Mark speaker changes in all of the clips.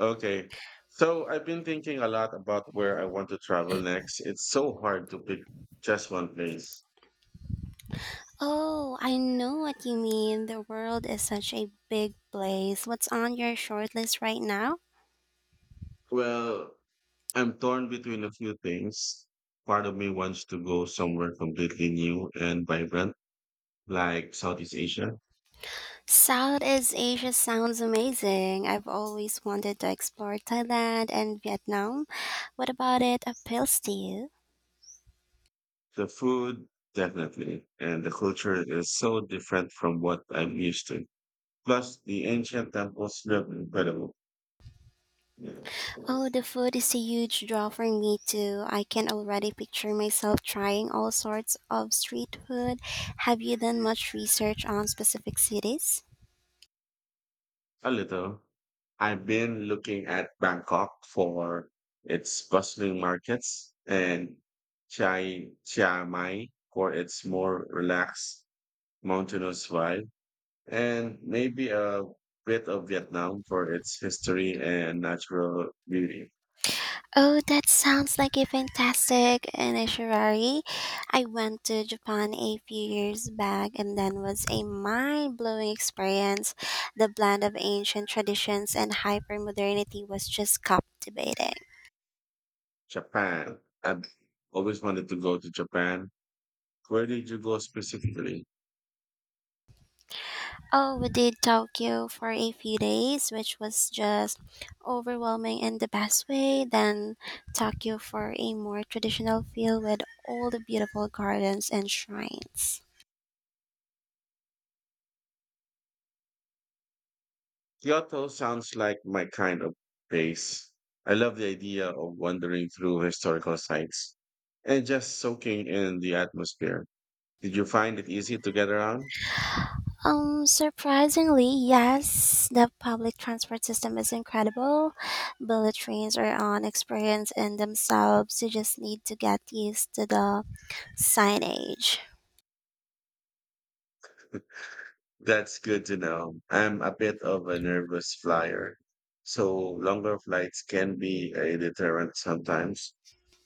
Speaker 1: Okay. So I've been thinking a lot about where I want to travel next. It's so hard to pick just one place.
Speaker 2: Oh, I know what you mean. The world is such a big place. What's on your short list right now?
Speaker 1: Well, I'm torn between a few things. Part of me wants to go somewhere completely new and vibrant, like Southeast Asia.
Speaker 2: Southeast Asia sounds amazing. I've always wanted to explore Thailand and Vietnam. What about it appeals to you?
Speaker 1: The food, definitely, and the culture is so different from what I'm used to. Plus, the ancient temples look incredible. Yeah.
Speaker 2: Oh, the food is a huge draw for me too. I can already picture myself trying all sorts of street food. Have you done much research on specific cities?
Speaker 1: A little. I've been looking at Bangkok for its bustling markets and Chiang Mai for its more relaxed mountainous vibe, and maybe a bit of Vietnam for its history and natural beauty.
Speaker 2: Oh, that sounds like a fantastic initiatory. I went to Japan a few years back and that was a mind-blowing experience. The blend of ancient traditions and hyper-modernity was just captivating.
Speaker 1: Japan. I've always wanted to go to Japan. Where did you go specifically?
Speaker 2: Oh, we did Tokyo for a few days, which was just overwhelming in the best way. Then Tokyo for a more traditional feel with all the beautiful gardens and shrines.
Speaker 1: Kyoto sounds like my kind of place. I love the idea of wandering through historical sites and just soaking in the atmosphere. Did you find it easy to get around?
Speaker 2: Surprisingly, yes, the public transport system is incredible. Bullet trains are an experience in themselves. You just need to get used to the signage.
Speaker 1: That's good to know. I'm a bit of a nervous flyer, so longer flights can be a deterrent sometimes.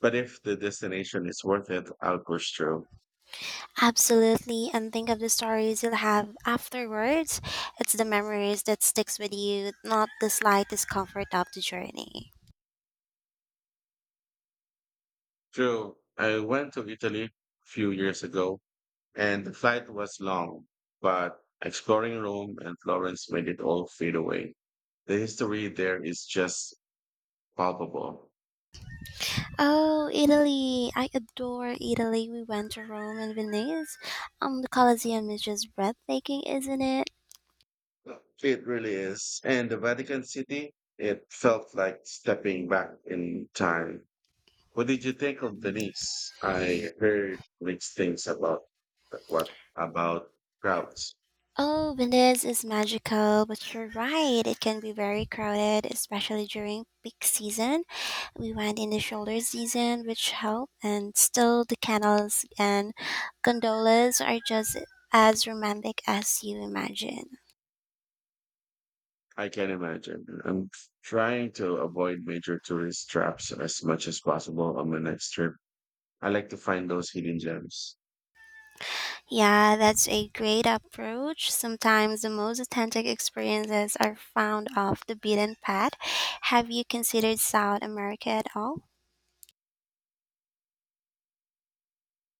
Speaker 1: But if the destination is worth it, I'll push through.
Speaker 2: Absolutely, and think of the stories you'll have afterwards. It's the memories that sticks with you, not the slight discomfort of the journey.
Speaker 1: True. I went to Italy a few years ago and the flight was long, but exploring Rome and Florence made it all fade away. The history there is just palpable.
Speaker 2: Oh, Italy! I adore Italy. We went to Rome and Venice. The Colosseum is just breathtaking, isn't it?
Speaker 1: It really is. And the Vatican City, it felt like stepping back in time. What did you think of Venice? I heard mixed things about what about crowds.
Speaker 2: Oh, Venice is magical, but you're right. It can be very crowded, especially during peak season. We went in the shoulder season, which helped, and still the canals and gondolas are just as romantic as you imagine.
Speaker 1: I can imagine. I'm trying to avoid major tourist traps as much as possible on my next trip. I like to find those hidden gems.
Speaker 2: Yeah, that's a great approach. Sometimes the most authentic experiences are found off the beaten path. Have you considered South America at all?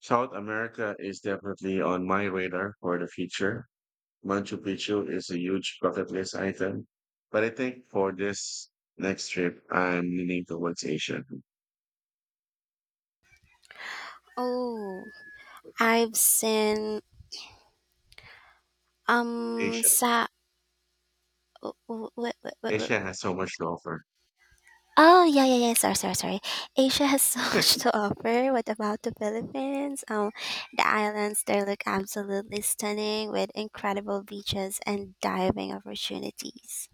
Speaker 1: South America is definitely on my radar for the future. Machu Picchu is a huge bucket list item, but I think for this next trip, I'm leaning towards Asia.
Speaker 2: Oh, I've seen
Speaker 1: Asia.
Speaker 2: Sa w- w- w- w-
Speaker 1: Asia has so much to offer.
Speaker 2: Oh, yeah, yeah, yeah. Sorry, sorry, sorry. Asia has so much to offer. What about the Philippines? The islands there look absolutely stunning with incredible beaches and diving opportunities.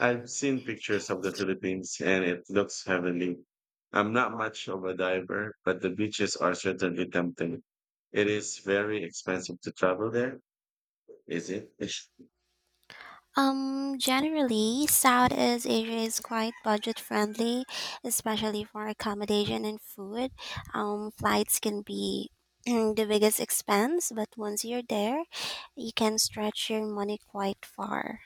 Speaker 1: I've seen pictures of the Philippines and it looks heavenly. I'm not much of a diver, but the beaches are certainly tempting. It is very expensive to travel there, is it?
Speaker 2: Generally, Southeast Asia is quite budget friendly, especially for accommodation and food. Flights can be the biggest expense, but once you're there, you can stretch your money quite far.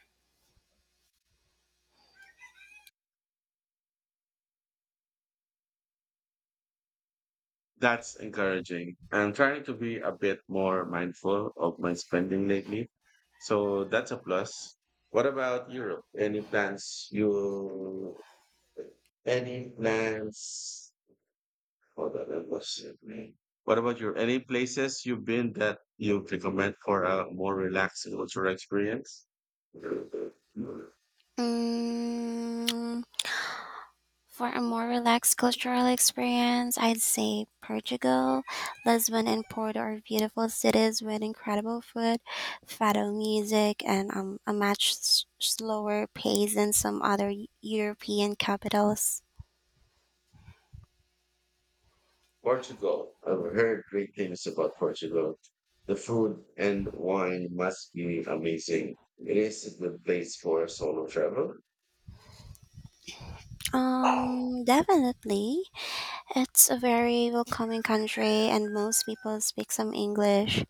Speaker 1: That's encouraging. I'm trying to be a bit more mindful of my spending lately. So that's a plus. What about Europe? Any plans you any plans hold on, that was it, man. What about your any places you've been that you recommend for a more relaxing cultural experience?
Speaker 2: Mm, for a more relaxed cultural experience, I'd say Portugal. Lisbon and Porto are beautiful cities with incredible food, fado music, and a much slower pace than some other European capitals.
Speaker 1: Portugal. I've heard great things about Portugal. The food and wine must be amazing. It is a good place for solo travel.
Speaker 2: Definitely. It's a very welcoming country, and most people speak some English.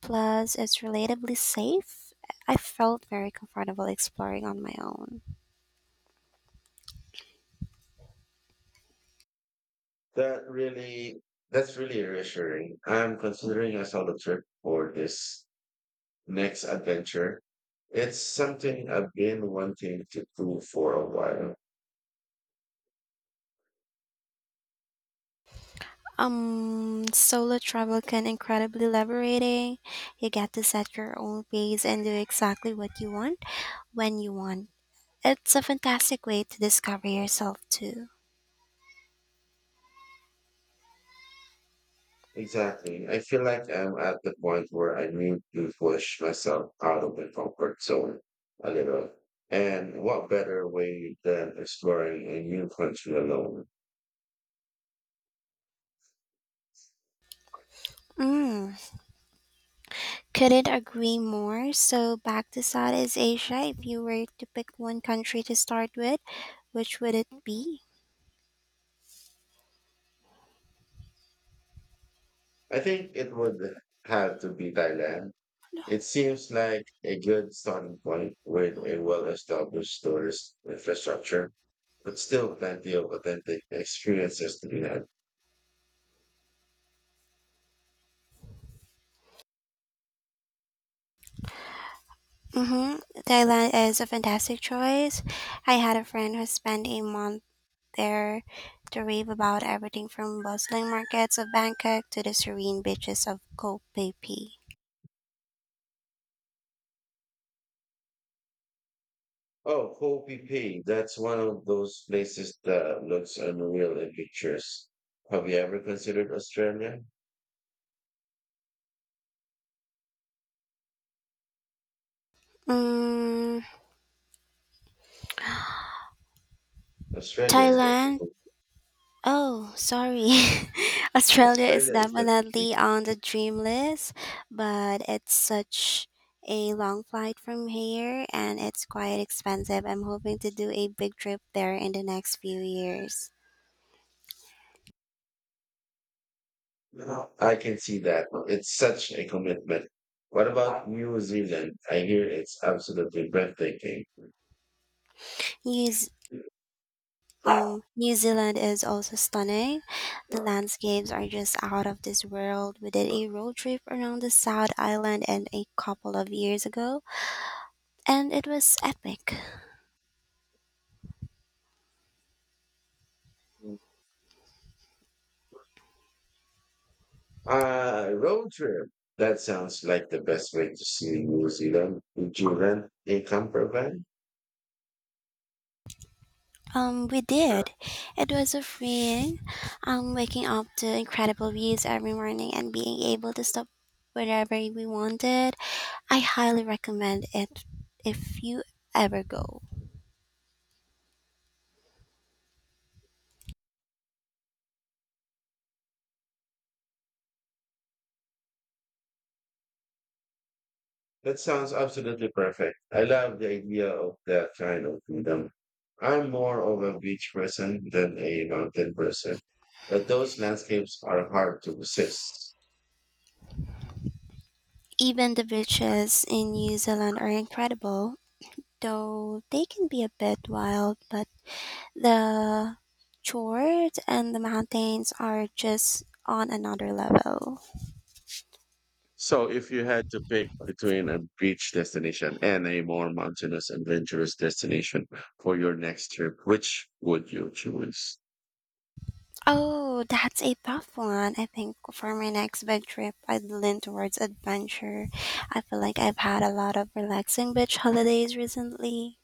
Speaker 2: Plus, it's relatively safe. I felt very comfortable exploring on my own.
Speaker 1: That really, that's really reassuring. I'm considering a solo trip for this next adventure. It's something I've been wanting to do for a while.
Speaker 2: Solo travel can incredibly liberating. You get to set your own pace and do exactly what you want when you want. It's a fantastic way to discover yourself too.
Speaker 1: Exactly. I feel like I'm at the point where I need to push myself out of my comfort zone a little. And what better way than exploring a new country alone?
Speaker 2: Mm, couldn't agree more. So back to Southeast Asia, if you were to pick one country to start with, which would it be?
Speaker 1: I think it would have to be Thailand. It seems like a good starting point with a well-established tourist infrastructure, but still plenty of authentic experiences to be had.
Speaker 2: Mm-hmm. Thailand is a fantastic choice. I had a friend who spent a month there to rave about everything from bustling markets of Bangkok to the serene beaches of Koh Phi Phi.
Speaker 1: Oh, Hopi Pay. That's one of those places that looks unreal in pictures. Have you ever considered Australia?
Speaker 2: Mm,
Speaker 1: Australia is
Speaker 2: Thailand?
Speaker 1: definitely.
Speaker 2: Oh, sorry. Australia is
Speaker 1: Australia is definitely.
Speaker 2: definitely on the dream list, but it's such a long flight from here and it's quite expensive. I'm hoping to do a big trip there in the next few years.
Speaker 1: I can see that. It's such a commitment. What about New Zealand? I hear it's absolutely breathtaking.
Speaker 2: New New Zealand is also stunning. The landscapes are just out of this world. We did a road trip around the South Island and a couple of years ago, and it was epic.
Speaker 1: Road trip. That sounds like the best way to see New Zealand. Would you rent a camper van?
Speaker 2: We did. It was so freeing. Waking up to incredible views every morning and being able to stop wherever we wanted. I highly recommend it if you ever go.
Speaker 1: That sounds absolutely perfect. I love the idea of that kind of freedom. I'm more of a beach person than a mountain person, but those landscapes are hard to resist.
Speaker 2: Even the beaches in New Zealand are incredible, though they can be a bit wild, but the fjord and the mountains are just on another level.
Speaker 1: So, if you had to pick between a beach destination and a more mountainous, adventurous destination for your next trip, which would you choose?
Speaker 2: Oh, that's a tough one. I think for my next big trip, I'd lean towards adventure. I feel like I've had a lot of relaxing beach holidays recently.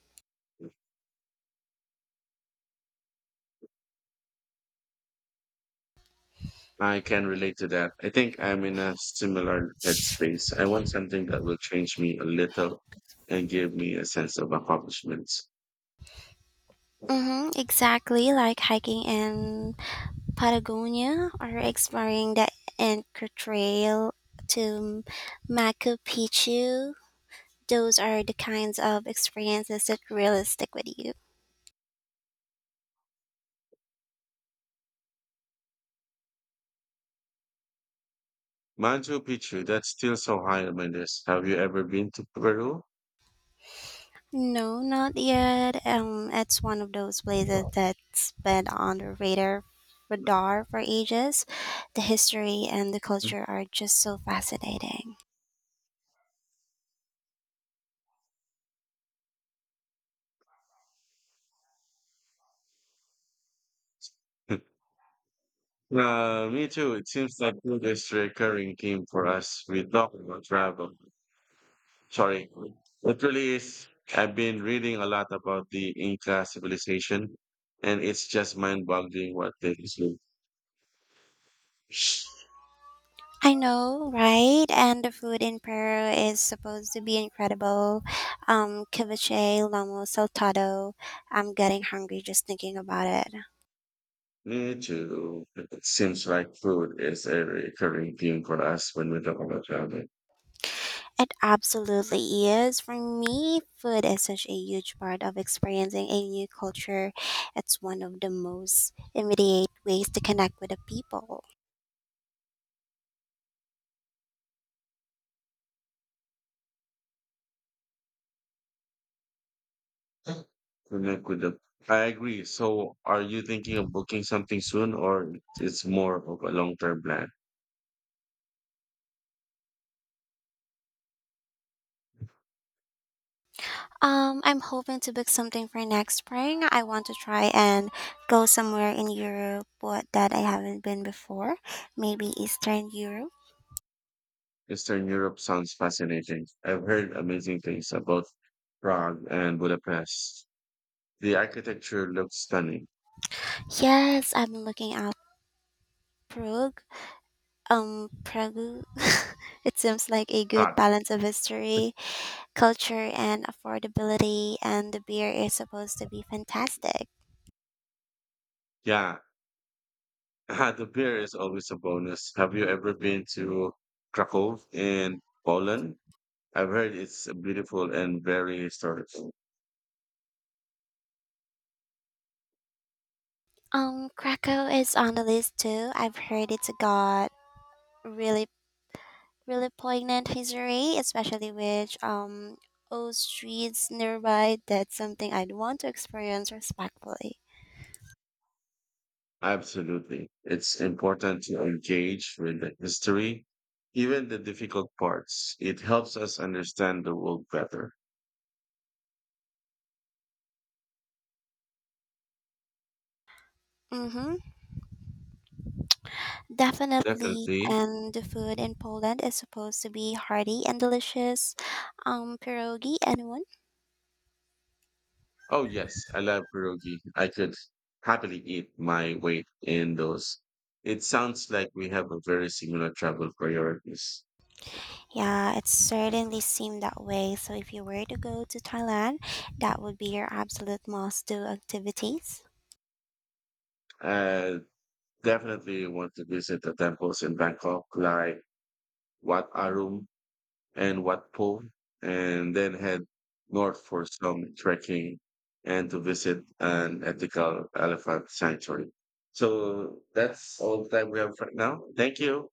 Speaker 1: I can relate to that. I think I'm in a similar headspace. I want something that will change me a little and give me a sense of accomplishments.
Speaker 2: Mm-hmm, exactly, like hiking in Patagonia or exploring the Inca Trail to Machu Picchu. Those are the kinds of experiences that really stick with you.
Speaker 1: Machu Picchu, that's still so high on my list. Have you ever been to Peru?
Speaker 2: No, not yet. It's one of those places that's been on the radar for ages. The history and the culture are just so fascinating.
Speaker 1: Me too. It seems like food is a recurring theme for us. We talk about travel. Sorry. It really is. I've been reading a lot about the Inca civilization, and it's just mind-boggling what they lived.
Speaker 2: I know, right? And the food in Peru is supposed to be incredible. Ceviche, lomo saltado. I'm getting hungry just thinking about it.
Speaker 1: Me too. It seems like food is a recurring theme for us when we talk about travel.
Speaker 2: It absolutely is. For me, food is such a huge part of experiencing a new culture. It's one of the most immediate ways to connect with the people.
Speaker 1: Connect with the. I agree. So, are you thinking of booking something soon, or it's more of a long-term plan?
Speaker 2: I'm hoping to book something for next spring. I want to try and go somewhere in Europe but that I haven't been before. Maybe Eastern Europe.
Speaker 1: Eastern Europe sounds fascinating. I've heard amazing things about Prague and Budapest. The architecture looks stunning.
Speaker 2: Yes, I'm looking out Prague. Prague. It seems like a good
Speaker 1: Prague,
Speaker 2: balance of history, culture and affordability, and the beer is supposed to be fantastic.
Speaker 1: yeah. The beer is always a bonus. Have you ever been to Krakow in Poland? I've heard it's beautiful and very historical.
Speaker 2: Krakow is on the list too. I've heard it's got really, really poignant history, especially with old streets nearby. That's something I'd want to experience respectfully.
Speaker 1: Absolutely. It's important to engage with the history, even the difficult parts. It helps us understand the world better.
Speaker 2: Mm-hmm. Definitely.
Speaker 1: Definitely.
Speaker 2: And the food in Poland is supposed to be hearty and delicious. Pierogi, anyone?
Speaker 1: Oh, yes, I love pierogi. I could happily eat my weight in those. It sounds like we have a very similar travel priorities.
Speaker 2: Yeah, it certainly seemed that way. So, if you were to go to Thailand, that would be your absolute must do activities.
Speaker 1: I definitely want to visit the temples in Bangkok, like Wat Arum and Watpo, and then head north for some trekking and to visit an ethical elephant sanctuary. So that's all the time we have for now. Thank you.